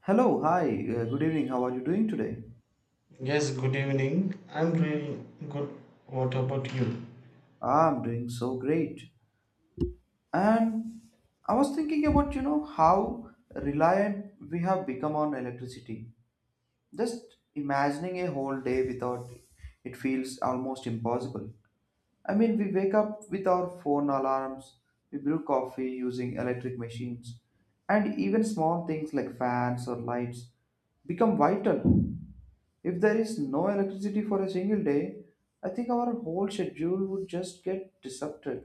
Hello, hi, good evening. How are you doing today? Yes, good evening. I'm doing good. What about you? I'm doing so great. And I was thinking about, you know, how reliant we have become on electricity. Just imagining a whole day without it feels almost impossible. I mean, we wake up with our phone alarms, we brew coffee using electric machines, and even small things like fans or lights become vital. If there is no electricity for a single day, I think our whole schedule would just get disrupted.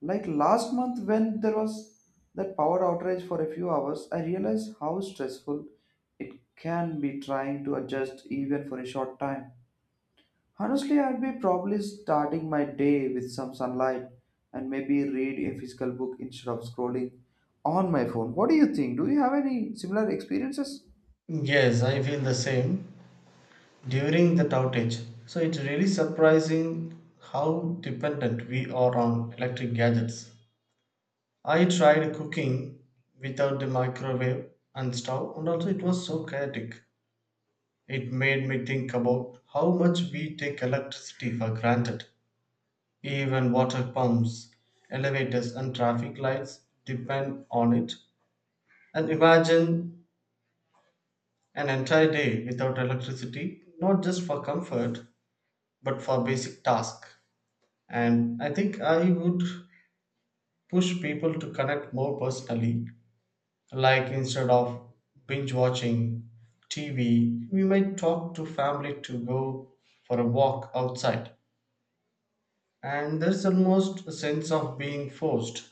Like last month, when there was that power outage for a few hours, I realized how stressful it can be trying to adjust even for a short time. Honestly, I'd be probably starting my day with some sunlight and maybe read a physical book instead of scrolling on my phone. What do you think? Do you have any similar experiences? Yes, I feel the same during that outage. So it's really surprising how dependent we are on electric gadgets. I tried cooking without the microwave and stove, and also it was so chaotic. It made me think about how much we take electricity for granted. Even water pumps, elevators, and traffic lights depend on it. And imagine an entire day without electricity, not just for comfort, but for basic tasks. And I think I would push people to connect more personally, like instead of binge watching TV, we might talk to family to go for a walk outside. And there's almost a sense of being forced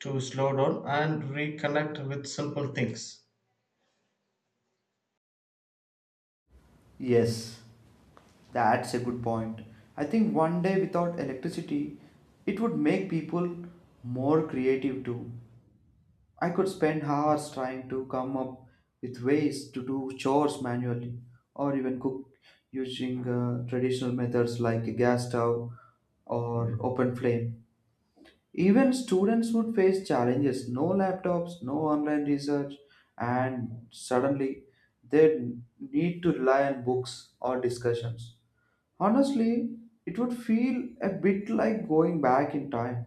to slow down and reconnect with simple things. Yes, that's a good point. I think one day without electricity, it would make people more creative too. I could spend hours trying to come up with ways to do chores manually or even cook using traditional methods like a gas stove or open flame. Even students would face challenges no laptops, no online research, and suddenly they need to rely on books or discussions. Honestly, it would feel a bit like going back in time,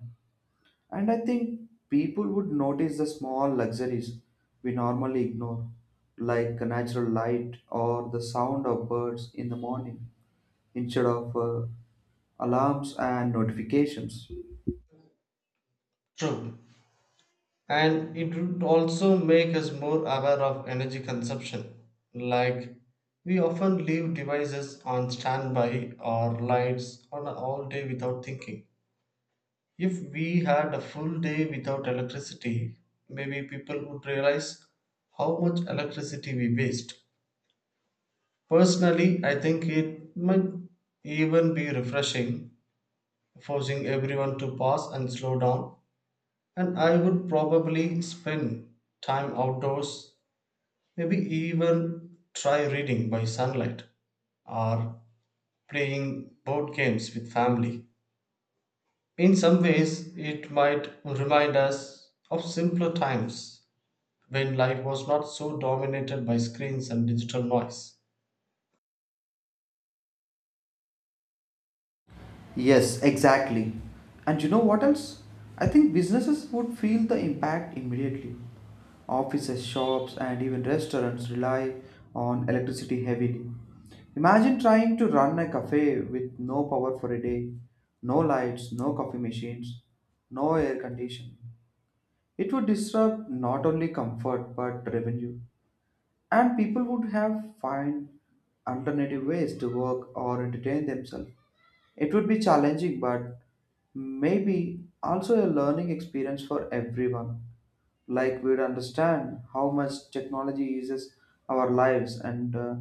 and I think people would notice the small luxuries we normally ignore, like natural light or the sound of birds in the morning instead of alarms and notifications. True. And it would also make us more aware of energy consumption, like we often leave devices on standby or lights on all day without thinking. If we had a full day without electricity, maybe people would realize how much electricity we waste. Personally, I think it might even be refreshing, forcing everyone to pause and slow down. And I would probably spend time outdoors. Maybe even try reading by sunlight or playing board games with family. In some ways, it might remind us of simpler times when life was not so dominated by screens and digital noise. Yes, exactly. And you know what else? I think businesses would feel the impact immediately. Offices, shops, and even restaurants rely on electricity heavily. Imagine trying to run a cafe with no power for a day, no lights, no coffee machines, no air conditioning. It would disrupt not only comfort but revenue. And people would have find alternative ways to work or entertain themselves. It would be challenging, but maybe also a learning experience for everyone. Like, we'd understand how much technology uses our lives, and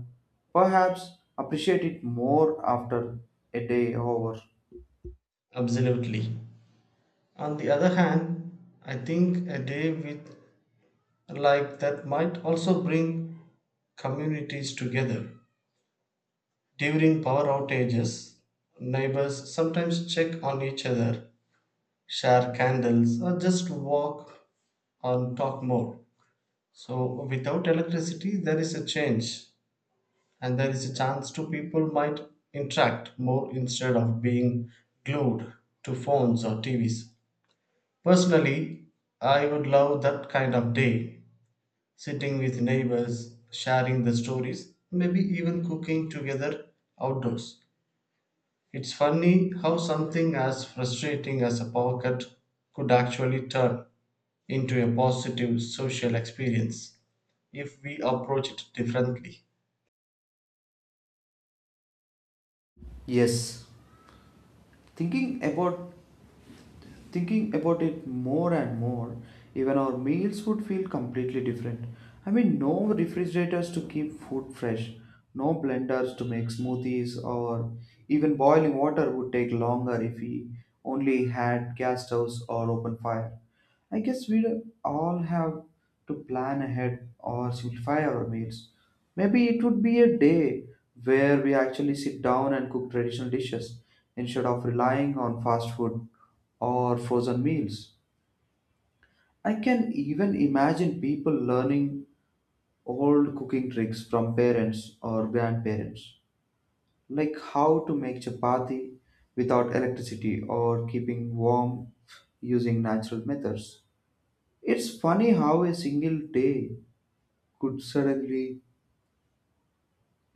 perhaps appreciate it more after a day over. Absolutely. On the other hand, I think a day with like that might also bring communities together. During power outages, neighbors sometimes check on each other, share candles, or just walk or talk more. So, without electricity, there is a change, and there is a chance to people might interact more instead of being glued to phones or TVs. Personally, I would love that kind of day, sitting with neighbors, sharing the stories, maybe even cooking together outdoors. It's funny how something as frustrating as a power cut could actually turn into a positive social experience if we approach it differently. Yes, thinking about thinking about it more and more, even our meals would feel completely different. I mean, no refrigerators to keep food fresh, no blenders to make smoothies, or even boiling water would take longer if we only had gas stoves or open fire. I guess we'd all have to plan ahead or simplify our meals. Maybe it would be a day where we actually sit down and cook traditional dishes instead of relying on fast food or frozen meals. I can even imagine people learning old cooking tricks from parents or grandparents, like how to make chapati without electricity or keeping warm using natural methods. It's funny how a single day could suddenly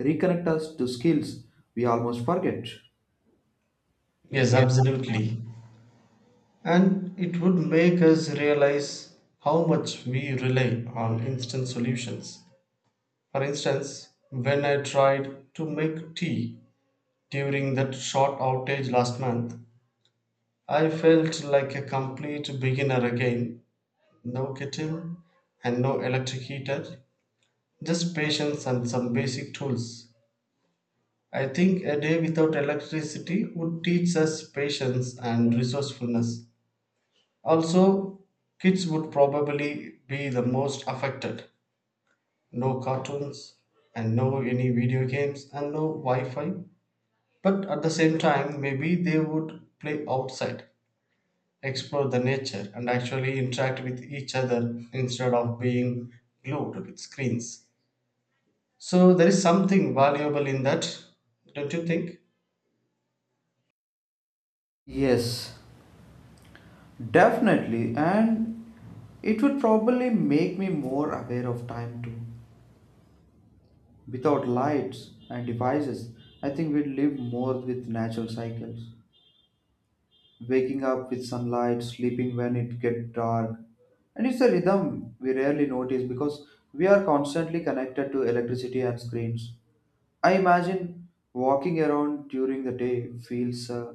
reconnect us to skills we almost forget. Yes, absolutely. And it would make us realize how much we rely on instant solutions. For instance, when I tried to make tea during that short outage last month, I felt like a complete beginner again. No kettle and no electric heater, just patience and some basic tools. I think a day without electricity would teach us patience and resourcefulness. Also, kids would probably be the most affected. No cartoons, and no any video games, and no Wi Fi. But at the same time, maybe they would play outside, explore the nature, and actually interact with each other instead of being glued with screens. So, there is something valuable in that, don't you think? Yes, definitely, and it would probably make me more aware of time too. Without lights and devices, I think we'd live more with natural cycles. Waking up with sunlight, sleeping when it gets dark. And it's a rhythm we rarely notice because we are constantly connected to electricity and screens. I imagine walking around during the day feels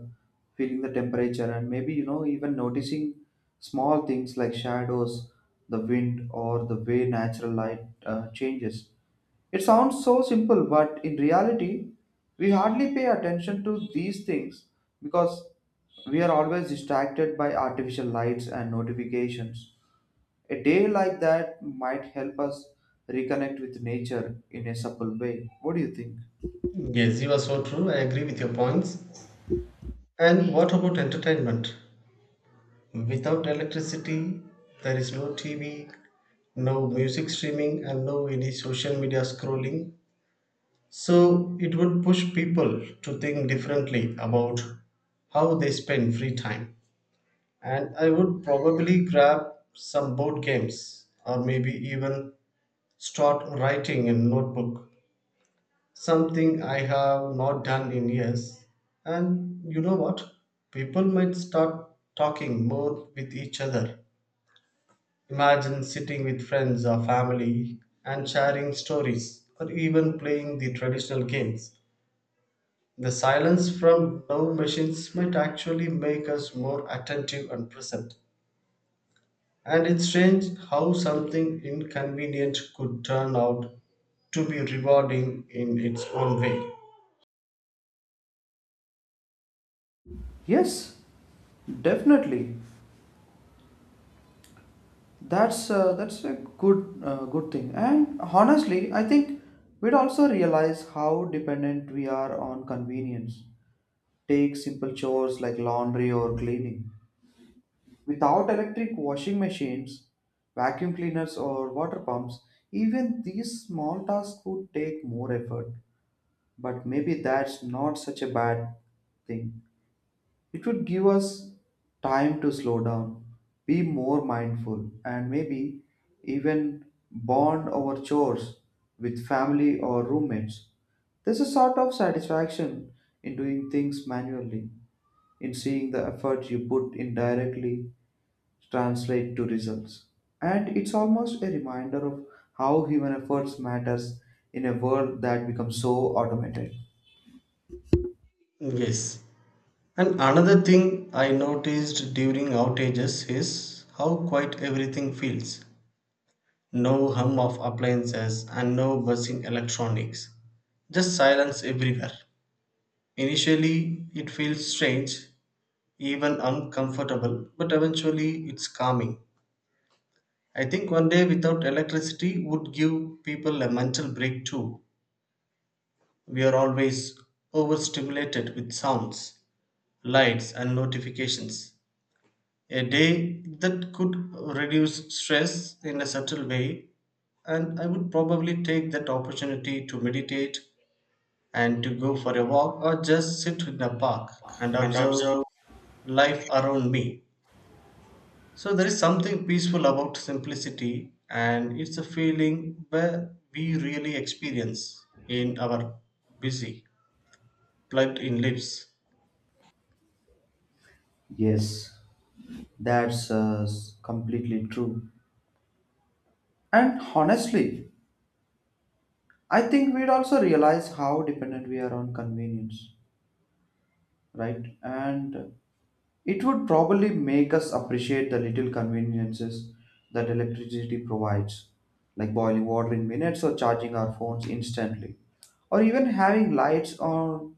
feeling the temperature and maybe, you know, even noticing small things like shadows, the wind, or the way natural light changes. It sounds so simple, but in reality, we hardly pay attention to these things because we are always distracted by artificial lights and notifications. A day like that might help us reconnect with nature in a supple way. What do you think? Yes, you are so true. I agree with your points. And what about entertainment? Without electricity, there is no TV, no music streaming, and no any social media scrolling. So it would push people to think differently about how they spend free time. And I would probably grab some board games or maybe even start writing in notebook, something I have not done in years. And you know what? People might start talking more with each other. Imagine sitting with friends or family and sharing stories or even playing the traditional games. The silence from now machines might actually make us more attentive and present. And it's strange how something inconvenient could turn out to be rewarding in its own way. Yes, definitely. That's a good thing. And honestly, I think we'd also realize how dependent we are on convenience. Take simple chores like laundry or cleaning. Without electric washing machines, vacuum cleaners, or water pumps, even these small tasks would take more effort. But maybe that's not such a bad thing. It would give us time to slow down, be more mindful, and maybe even bond our chores with family or roommates. There's a sort of satisfaction in doing things manually, in seeing the effort you put in directly translate to results. And it's almost a reminder of how human efforts matters in a world that becomes so automated. Yes. And another thing I noticed during outages is how quiet everything feels. No hum of appliances and no buzzing electronics. Just silence everywhere. Initially, it feels strange, even uncomfortable, but eventually it's calming. I think one day without electricity would give people a mental break too. We are always overstimulated with sounds, lights, and notifications. A day that could reduce stress in a subtle way. And I would probably take that opportunity to meditate and to go for a walk or just sit in a park and And observe observe. life around me. So there is something peaceful about simplicity, and it's a feeling where we really experience in our busy, plugged in lives. Yes, completely true. And honestly, I think we'd also realize how dependent we are on convenience, right? And it would probably make us appreciate the little conveniences that electricity provides, like boiling water in minutes or charging our phones instantly, or even having lights on,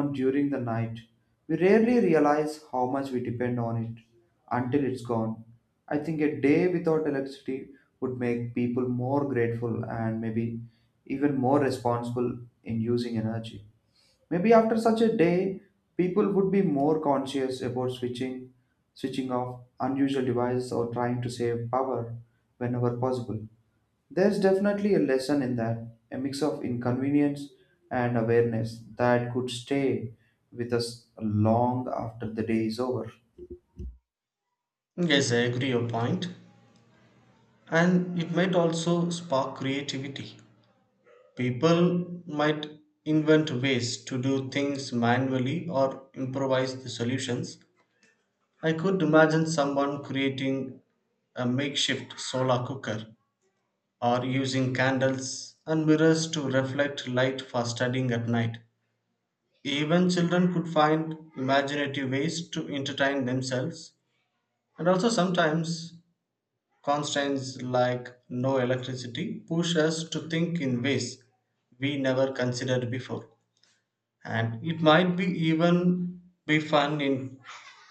on during the night. We rarely realize how much we depend on it until it's gone. I think a day without electricity would make people more grateful and maybe even more responsible in using energy. Maybe after such a day, people would be more conscious about switching off unusual devices or trying to save power whenever possible. There's definitely a lesson in that, a mix of inconvenience and awareness that could stay with us long after the day is over. Yes, I agree your point. And it might also spark creativity. People might invent ways to do things manually or improvise the solutions. I could imagine someone creating a makeshift solar cooker or using candles and mirrors to reflect light for studying at night. Even children could find imaginative ways to entertain themselves. And also, sometimes constraints like no electricity push us to think in ways we never considered before. And it might be even be fun in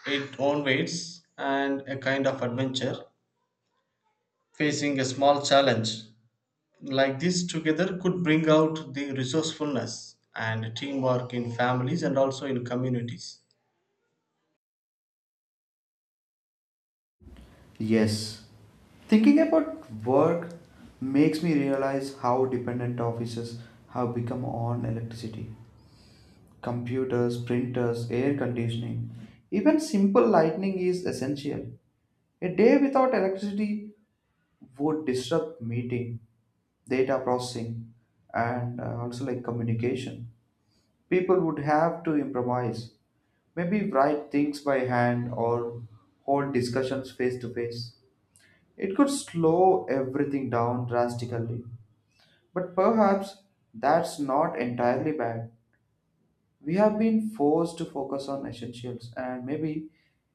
its own ways, and a kind of adventure. Facing a small challenge like this together could bring out the resourcefulness and teamwork in families and also in communities. Yes, thinking about work makes me realize how dependent offices have become on electricity. Computers, printers, air conditioning. Even simple lighting is essential. A day without electricity would disrupt meeting, data processing, and also like communication. People would have to improvise, maybe write things by hand or hold discussions face to face. It could slow everything down drastically, but perhaps that's not entirely bad. We have been forced to focus on essentials and maybe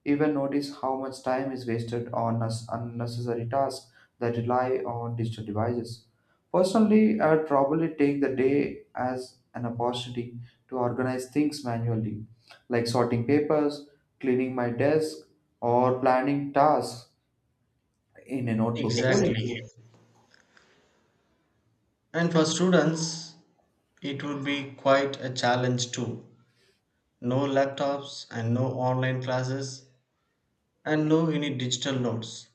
even notice how much time is wasted on us unnecessary tasks that rely on digital devices. Personally, I would probably take the day as an opportunity to organize things manually, like sorting papers, cleaning my desk, or planning tasks in a notebook. Exactly. And for students, it would be quite a challenge too. No laptops and no online classes and no any digital notes,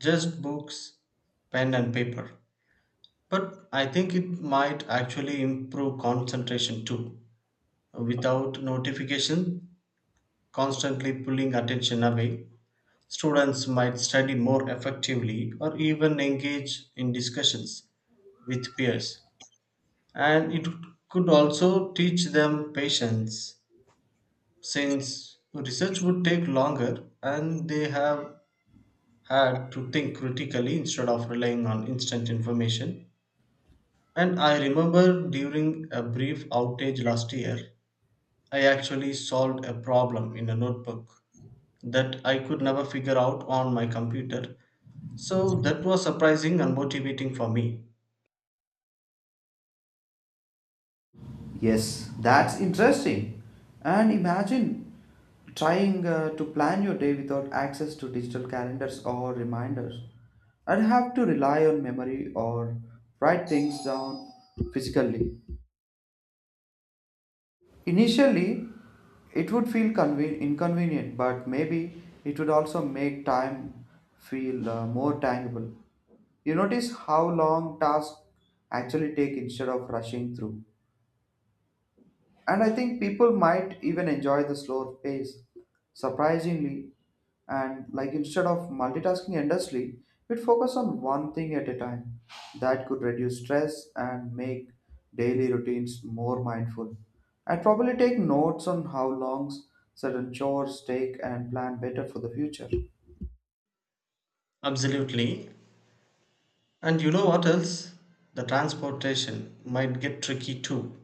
just books, pen and paper. But I think it might actually improve concentration too. Without notification constantly pulling attention away, students might study more effectively or even engage in discussions with peers. And it could also teach them patience, since research would take longer and they have had to think critically instead of relying on instant information. And I remember during a brief outage last year, I actually solved a problem in a notebook that I could never figure out on my computer. So that was surprising and motivating for me. Yes, that's interesting. And imagine trying to plan your day without access to digital calendars or reminders. I'd have to rely on memory or write things down physically. Initially, it would feel inconvenient, but maybe it would also make time feel more tangible. You notice how long tasks actually take instead of rushing through. And I think people might even enjoy the slower pace, surprisingly. And, like, instead of multitasking endlessly, we'd focus on one thing at a time. That could reduce stress and make daily routines more mindful. I'd probably take notes on how long certain chores take and plan better for the future. Absolutely. And you know what else? The transportation might get tricky too,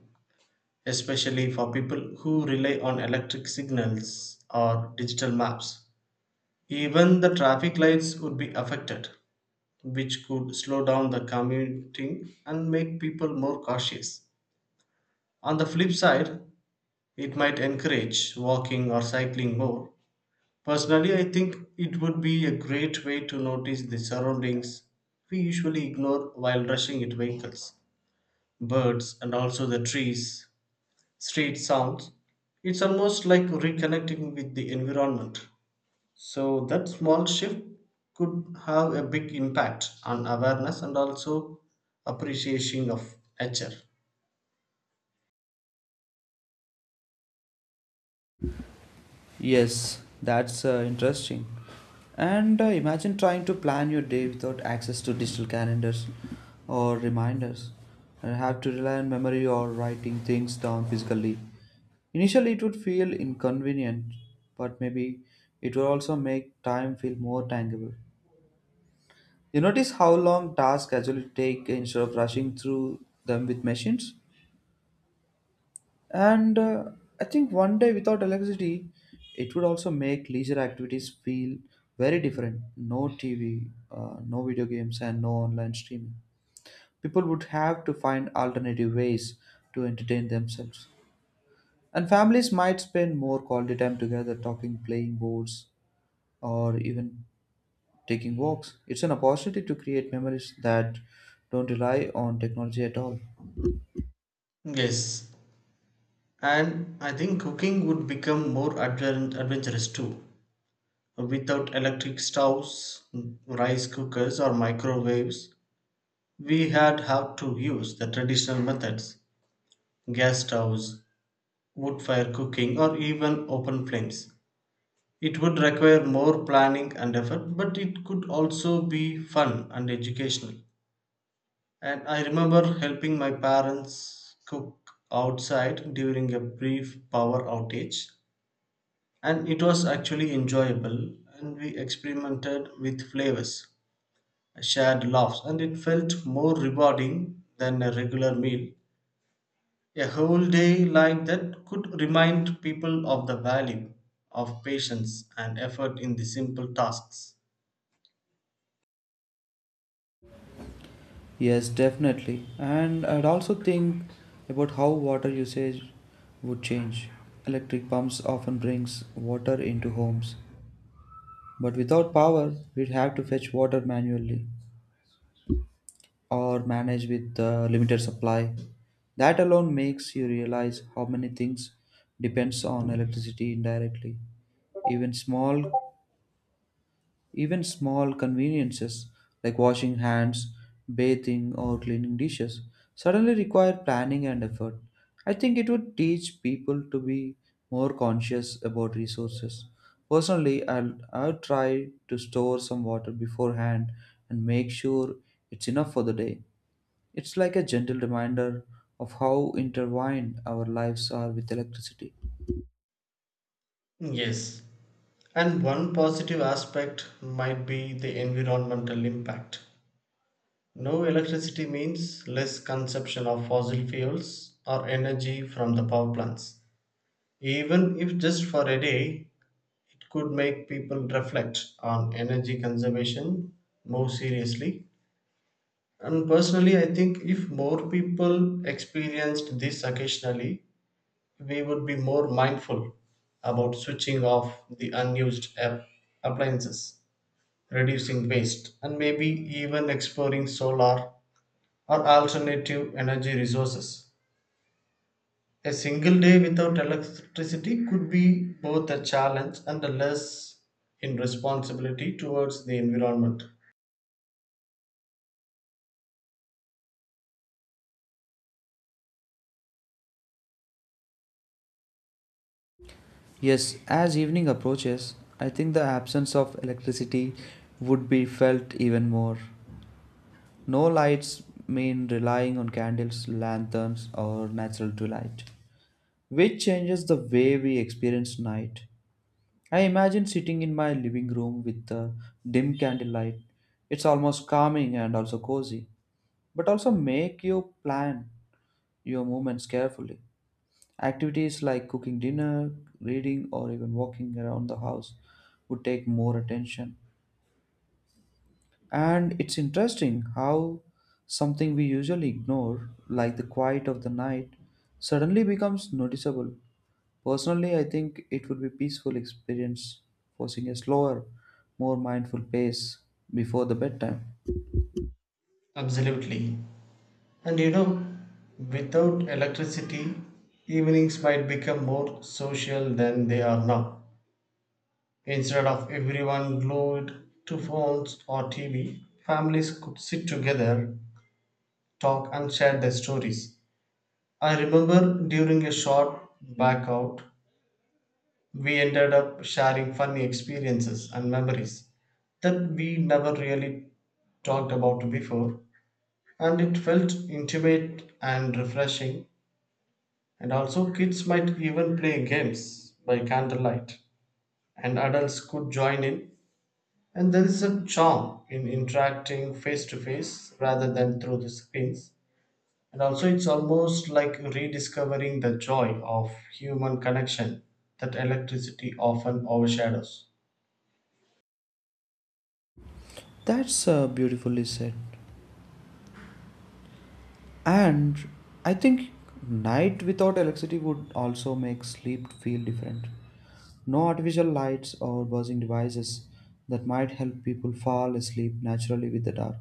especially for people who rely on electric signals or digital maps. Even the traffic lights would be affected, which could slow down the commuting and make people more cautious. On the flip side, it might encourage walking or cycling more. Personally, I think it would be a great way to notice the surroundings we usually ignore while rushing in vehicles, birds, and also the trees, street sounds. It's almost like reconnecting with the environment. So that small shift could have a big impact on awareness and also appreciation of nature. Yes, that's interesting. And imagine trying to plan your day without access to digital calendars or reminders and have to rely on memory or writing things down physically. Initially, it would feel inconvenient, but maybe it will also make time feel more tangible. You notice how long tasks actually take instead of rushing through them with machines? And I think one day without electricity, it would also make leisure activities feel very different. No TV, no video games, and no online streaming. People would have to find alternative ways to entertain themselves. And families might spend more quality time together talking, playing boards, or even taking walks. It's an opportunity to create memories that don't rely on technology at all. Yes, and I think cooking would become more adventurous too. Without electric stoves, rice cookers, or microwaves, we had have to use the traditional methods, gas stoves, wood fire cooking, or even open flames. It would require more planning and effort, but it could also be fun and educational. And I remember helping my parents cook outside during a brief power outage, and it was actually enjoyable. And we experimented with flavors, shared laughs, and it felt more rewarding than a regular meal. A whole day like that could remind people of the value of patience and effort in the simple tasks. Yes, definitely. And I'd also think about how water usage would change. Electric pumps often brings water into homes, but without power, we'd have to fetch water manually or manage with limited supply. That alone makes you realize how many things depends on electricity indirectly. Even small Even small conveniences like washing hands, bathing, or cleaning dishes suddenly require planning and effort. I think it would teach people to be more conscious about resources. Personally, I'll try to store some water beforehand and make sure it's enough for the day. It's like a gentle reminder of how intertwined our lives are with electricity. Yes. And one positive aspect might be the environmental impact. No electricity means less consumption of fossil fuels or energy from the power plants. Even if just for a day, it could make people reflect on energy conservation more seriously. And personally, I think if more people experienced this occasionally, we would be more mindful about switching off the unused appliances, reducing waste, and maybe even exploring solar or alternative energy resources. A single day without electricity could be both a challenge and a less in responsibility towards the environment. Yes, as evening approaches, I think the absence of electricity would be felt even more. No lights mean relying on candles, lanterns, or natural twilight, which changes the way we experience night. I imagine sitting in my living room with the dim candlelight. It's almost calming and also cozy, but also make you plan your movements carefully. Activities like cooking dinner, reading, or even walking around the house would take more attention. And it's interesting how something we usually ignore, like the quiet of the night, suddenly becomes noticeable. Personally, I think it would be peaceful experience forcing a slower, more mindful pace before the bedtime. Absolutely. And you know, without electricity, evenings might become more social than they are now. Instead of everyone glued to phones or TV, families could sit together, talk and share their stories. I remember during a short blackout, we ended up sharing funny experiences and memories that we never really talked about before, and it felt intimate and refreshing. And also, kids might even play games by candlelight, and adults could join in. And there is a charm in interacting face to face rather than through the screens. And also, it's almost like rediscovering the joy of human connection that electricity often overshadows. That's Beautifully said. And I think night without electricity would also make sleep feel different. No artificial lights or buzzing devices that might help people fall asleep naturally with the dark.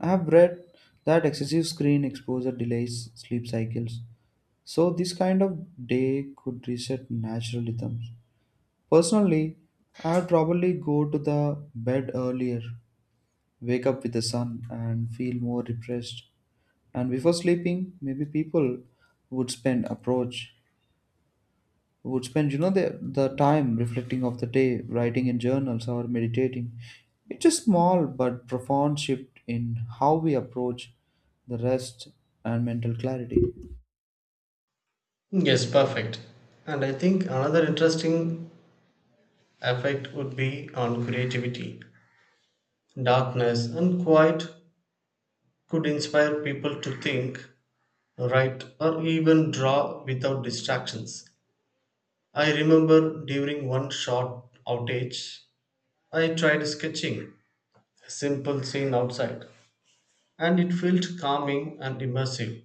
I have read that excessive screen exposure delays sleep cycles, so this kind of day could reset natural rhythms. Personally, I would probably go to the bed earlier, wake up with the sun, and feel more refreshed. And before sleeping, maybe people would spend approach would spend, you know, the time reflecting of the day, writing in journals or meditating. It's a small but profound shift in how we approach the rest and mental clarity. Yes, perfect. And I think another interesting effect would be on creativity. Darkness and quiet could inspire people to think, write, or even draw without distractions. I remember during one short outage, I tried sketching a simple scene outside, and it felt calming and immersive.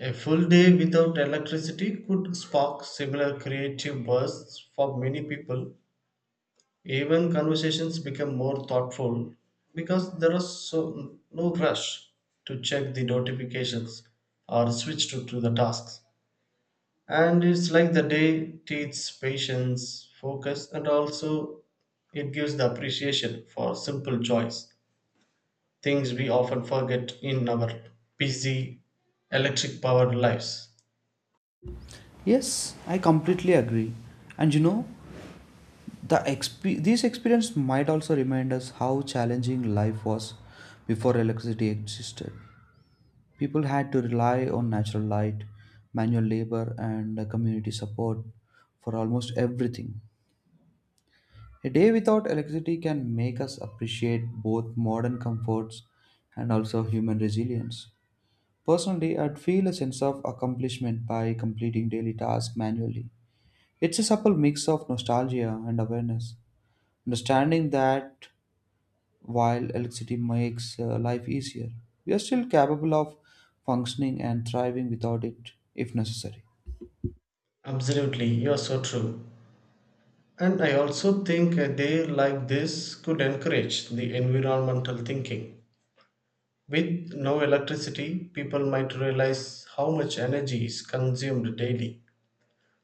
A full day without electricity could spark similar creative bursts for many people. Even conversations become more thoughtful, because there is so no rush to check the notifications or switch to the tasks. And it's like the day teaches patience, focus, and also it gives the appreciation for simple joys, things we often forget in our busy, electric powered lives. Yes, I completely agree. And, you know, these experience might also remind us how challenging life was before electricity existed. People had to rely on natural light, manual labor, and community support for almost everything. A day without electricity can make us appreciate both modern comforts and also human resilience. Personally, I'd feel a sense of accomplishment by completing daily tasks manually. It's a supple mix of nostalgia and awareness, understanding that while electricity makes life easier. We are still capable of functioning and thriving without it if necessary. Absolutely, you're so true. And I also think a day like this could encourage the environmental thinking. With no electricity, people might realize how much energy is consumed daily,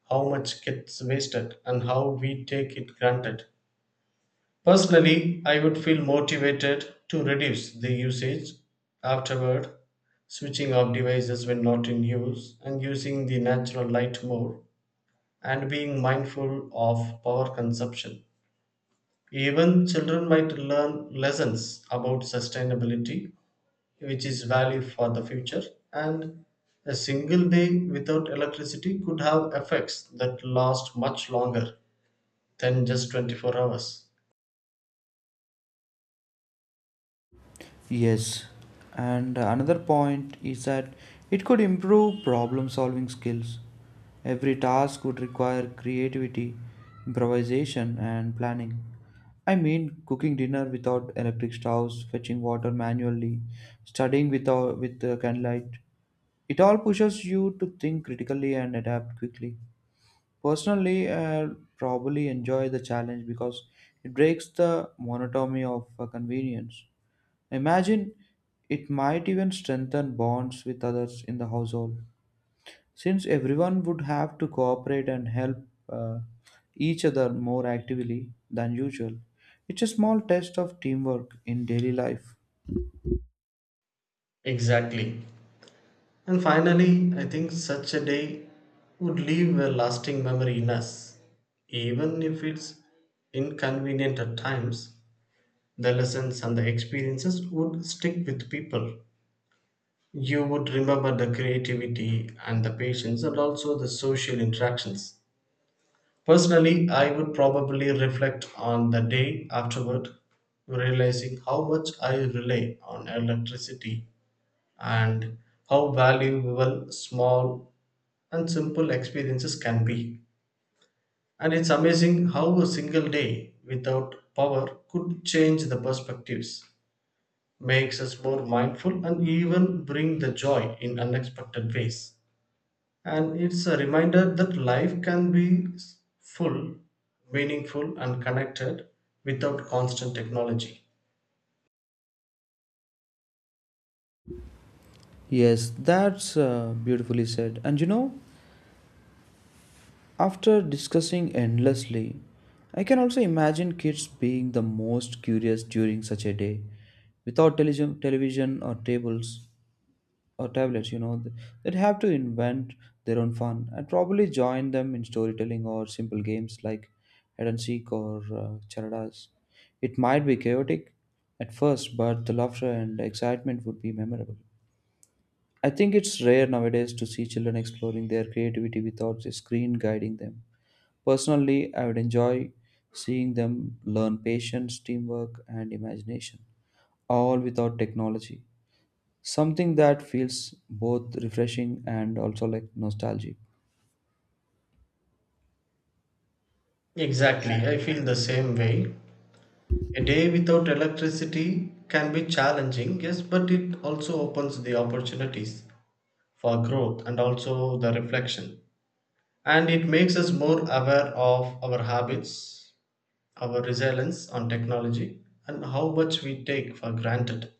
how much gets wasted, and how we take it granted. Personally, I would feel motivated to reduce the usage afterward, switching off devices when not in use, and using the natural light more, and being mindful of power consumption. Even children might learn lessons about sustainability, which is value for the future, and a single day without electricity could have effects that last much longer than just 24 hours. Yes, and another point is that it could improve problem solving skills. Every task would require creativity, improvisation, and planning. I mean, cooking dinner without electric stoves, fetching water manually, studying without, with candlelight. It all pushes you to think critically and adapt quickly. Personally, I probably enjoy the challenge because it breaks the monotony of convenience. Imagine, it might even strengthen bonds with others in the household, since everyone would have to cooperate and help uh, each other more actively than usual. It's a small test of teamwork in daily life. Exactly. And finally, I think such a day would leave a lasting memory in us. Even if it's inconvenient at times, the lessons and the experiences would stick with people. You would remember the creativity and the patience and also the social interactions. Personally, I would probably reflect on the day afterward, realizing how much I rely on electricity and how valuable small and simple experiences can be. And it's amazing how a single day without power could change the perspectives, makes us more mindful, and even bring the joy in unexpected ways. And it's a reminder that life can be full, meaningful, and connected without constant technology. Yes, that's beautifully said. And, you know, after discussing endlessly, I can also imagine kids being the most curious during such a day. Without television or tables or tablets, you know, they'd have to invent their own fun. I'd probably join them in storytelling or simple games like hide and seek or charadas. It might be chaotic at first, but the laughter and excitement would be memorable. I think it's rare nowadays to see children exploring their creativity without a screen guiding them. Personally, I would enjoy seeing them learn patience, teamwork, and imagination, all without technology. Something that feels both refreshing and also like nostalgic. Exactly, I feel the same way. A day without electricity can be challenging, yes, but it also opens the opportunities for growth and also the reflection. And it makes us more aware of our habits, our reliance on technology, and how much we take for granted.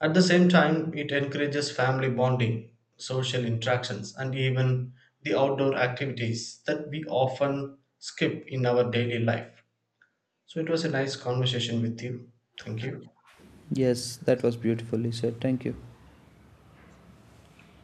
At the same time, it encourages family bonding, social interactions, and even the outdoor activities that we often skip in our daily life. So it was a nice conversation with you. Thank you. Yes, that was beautifully said. Thank you.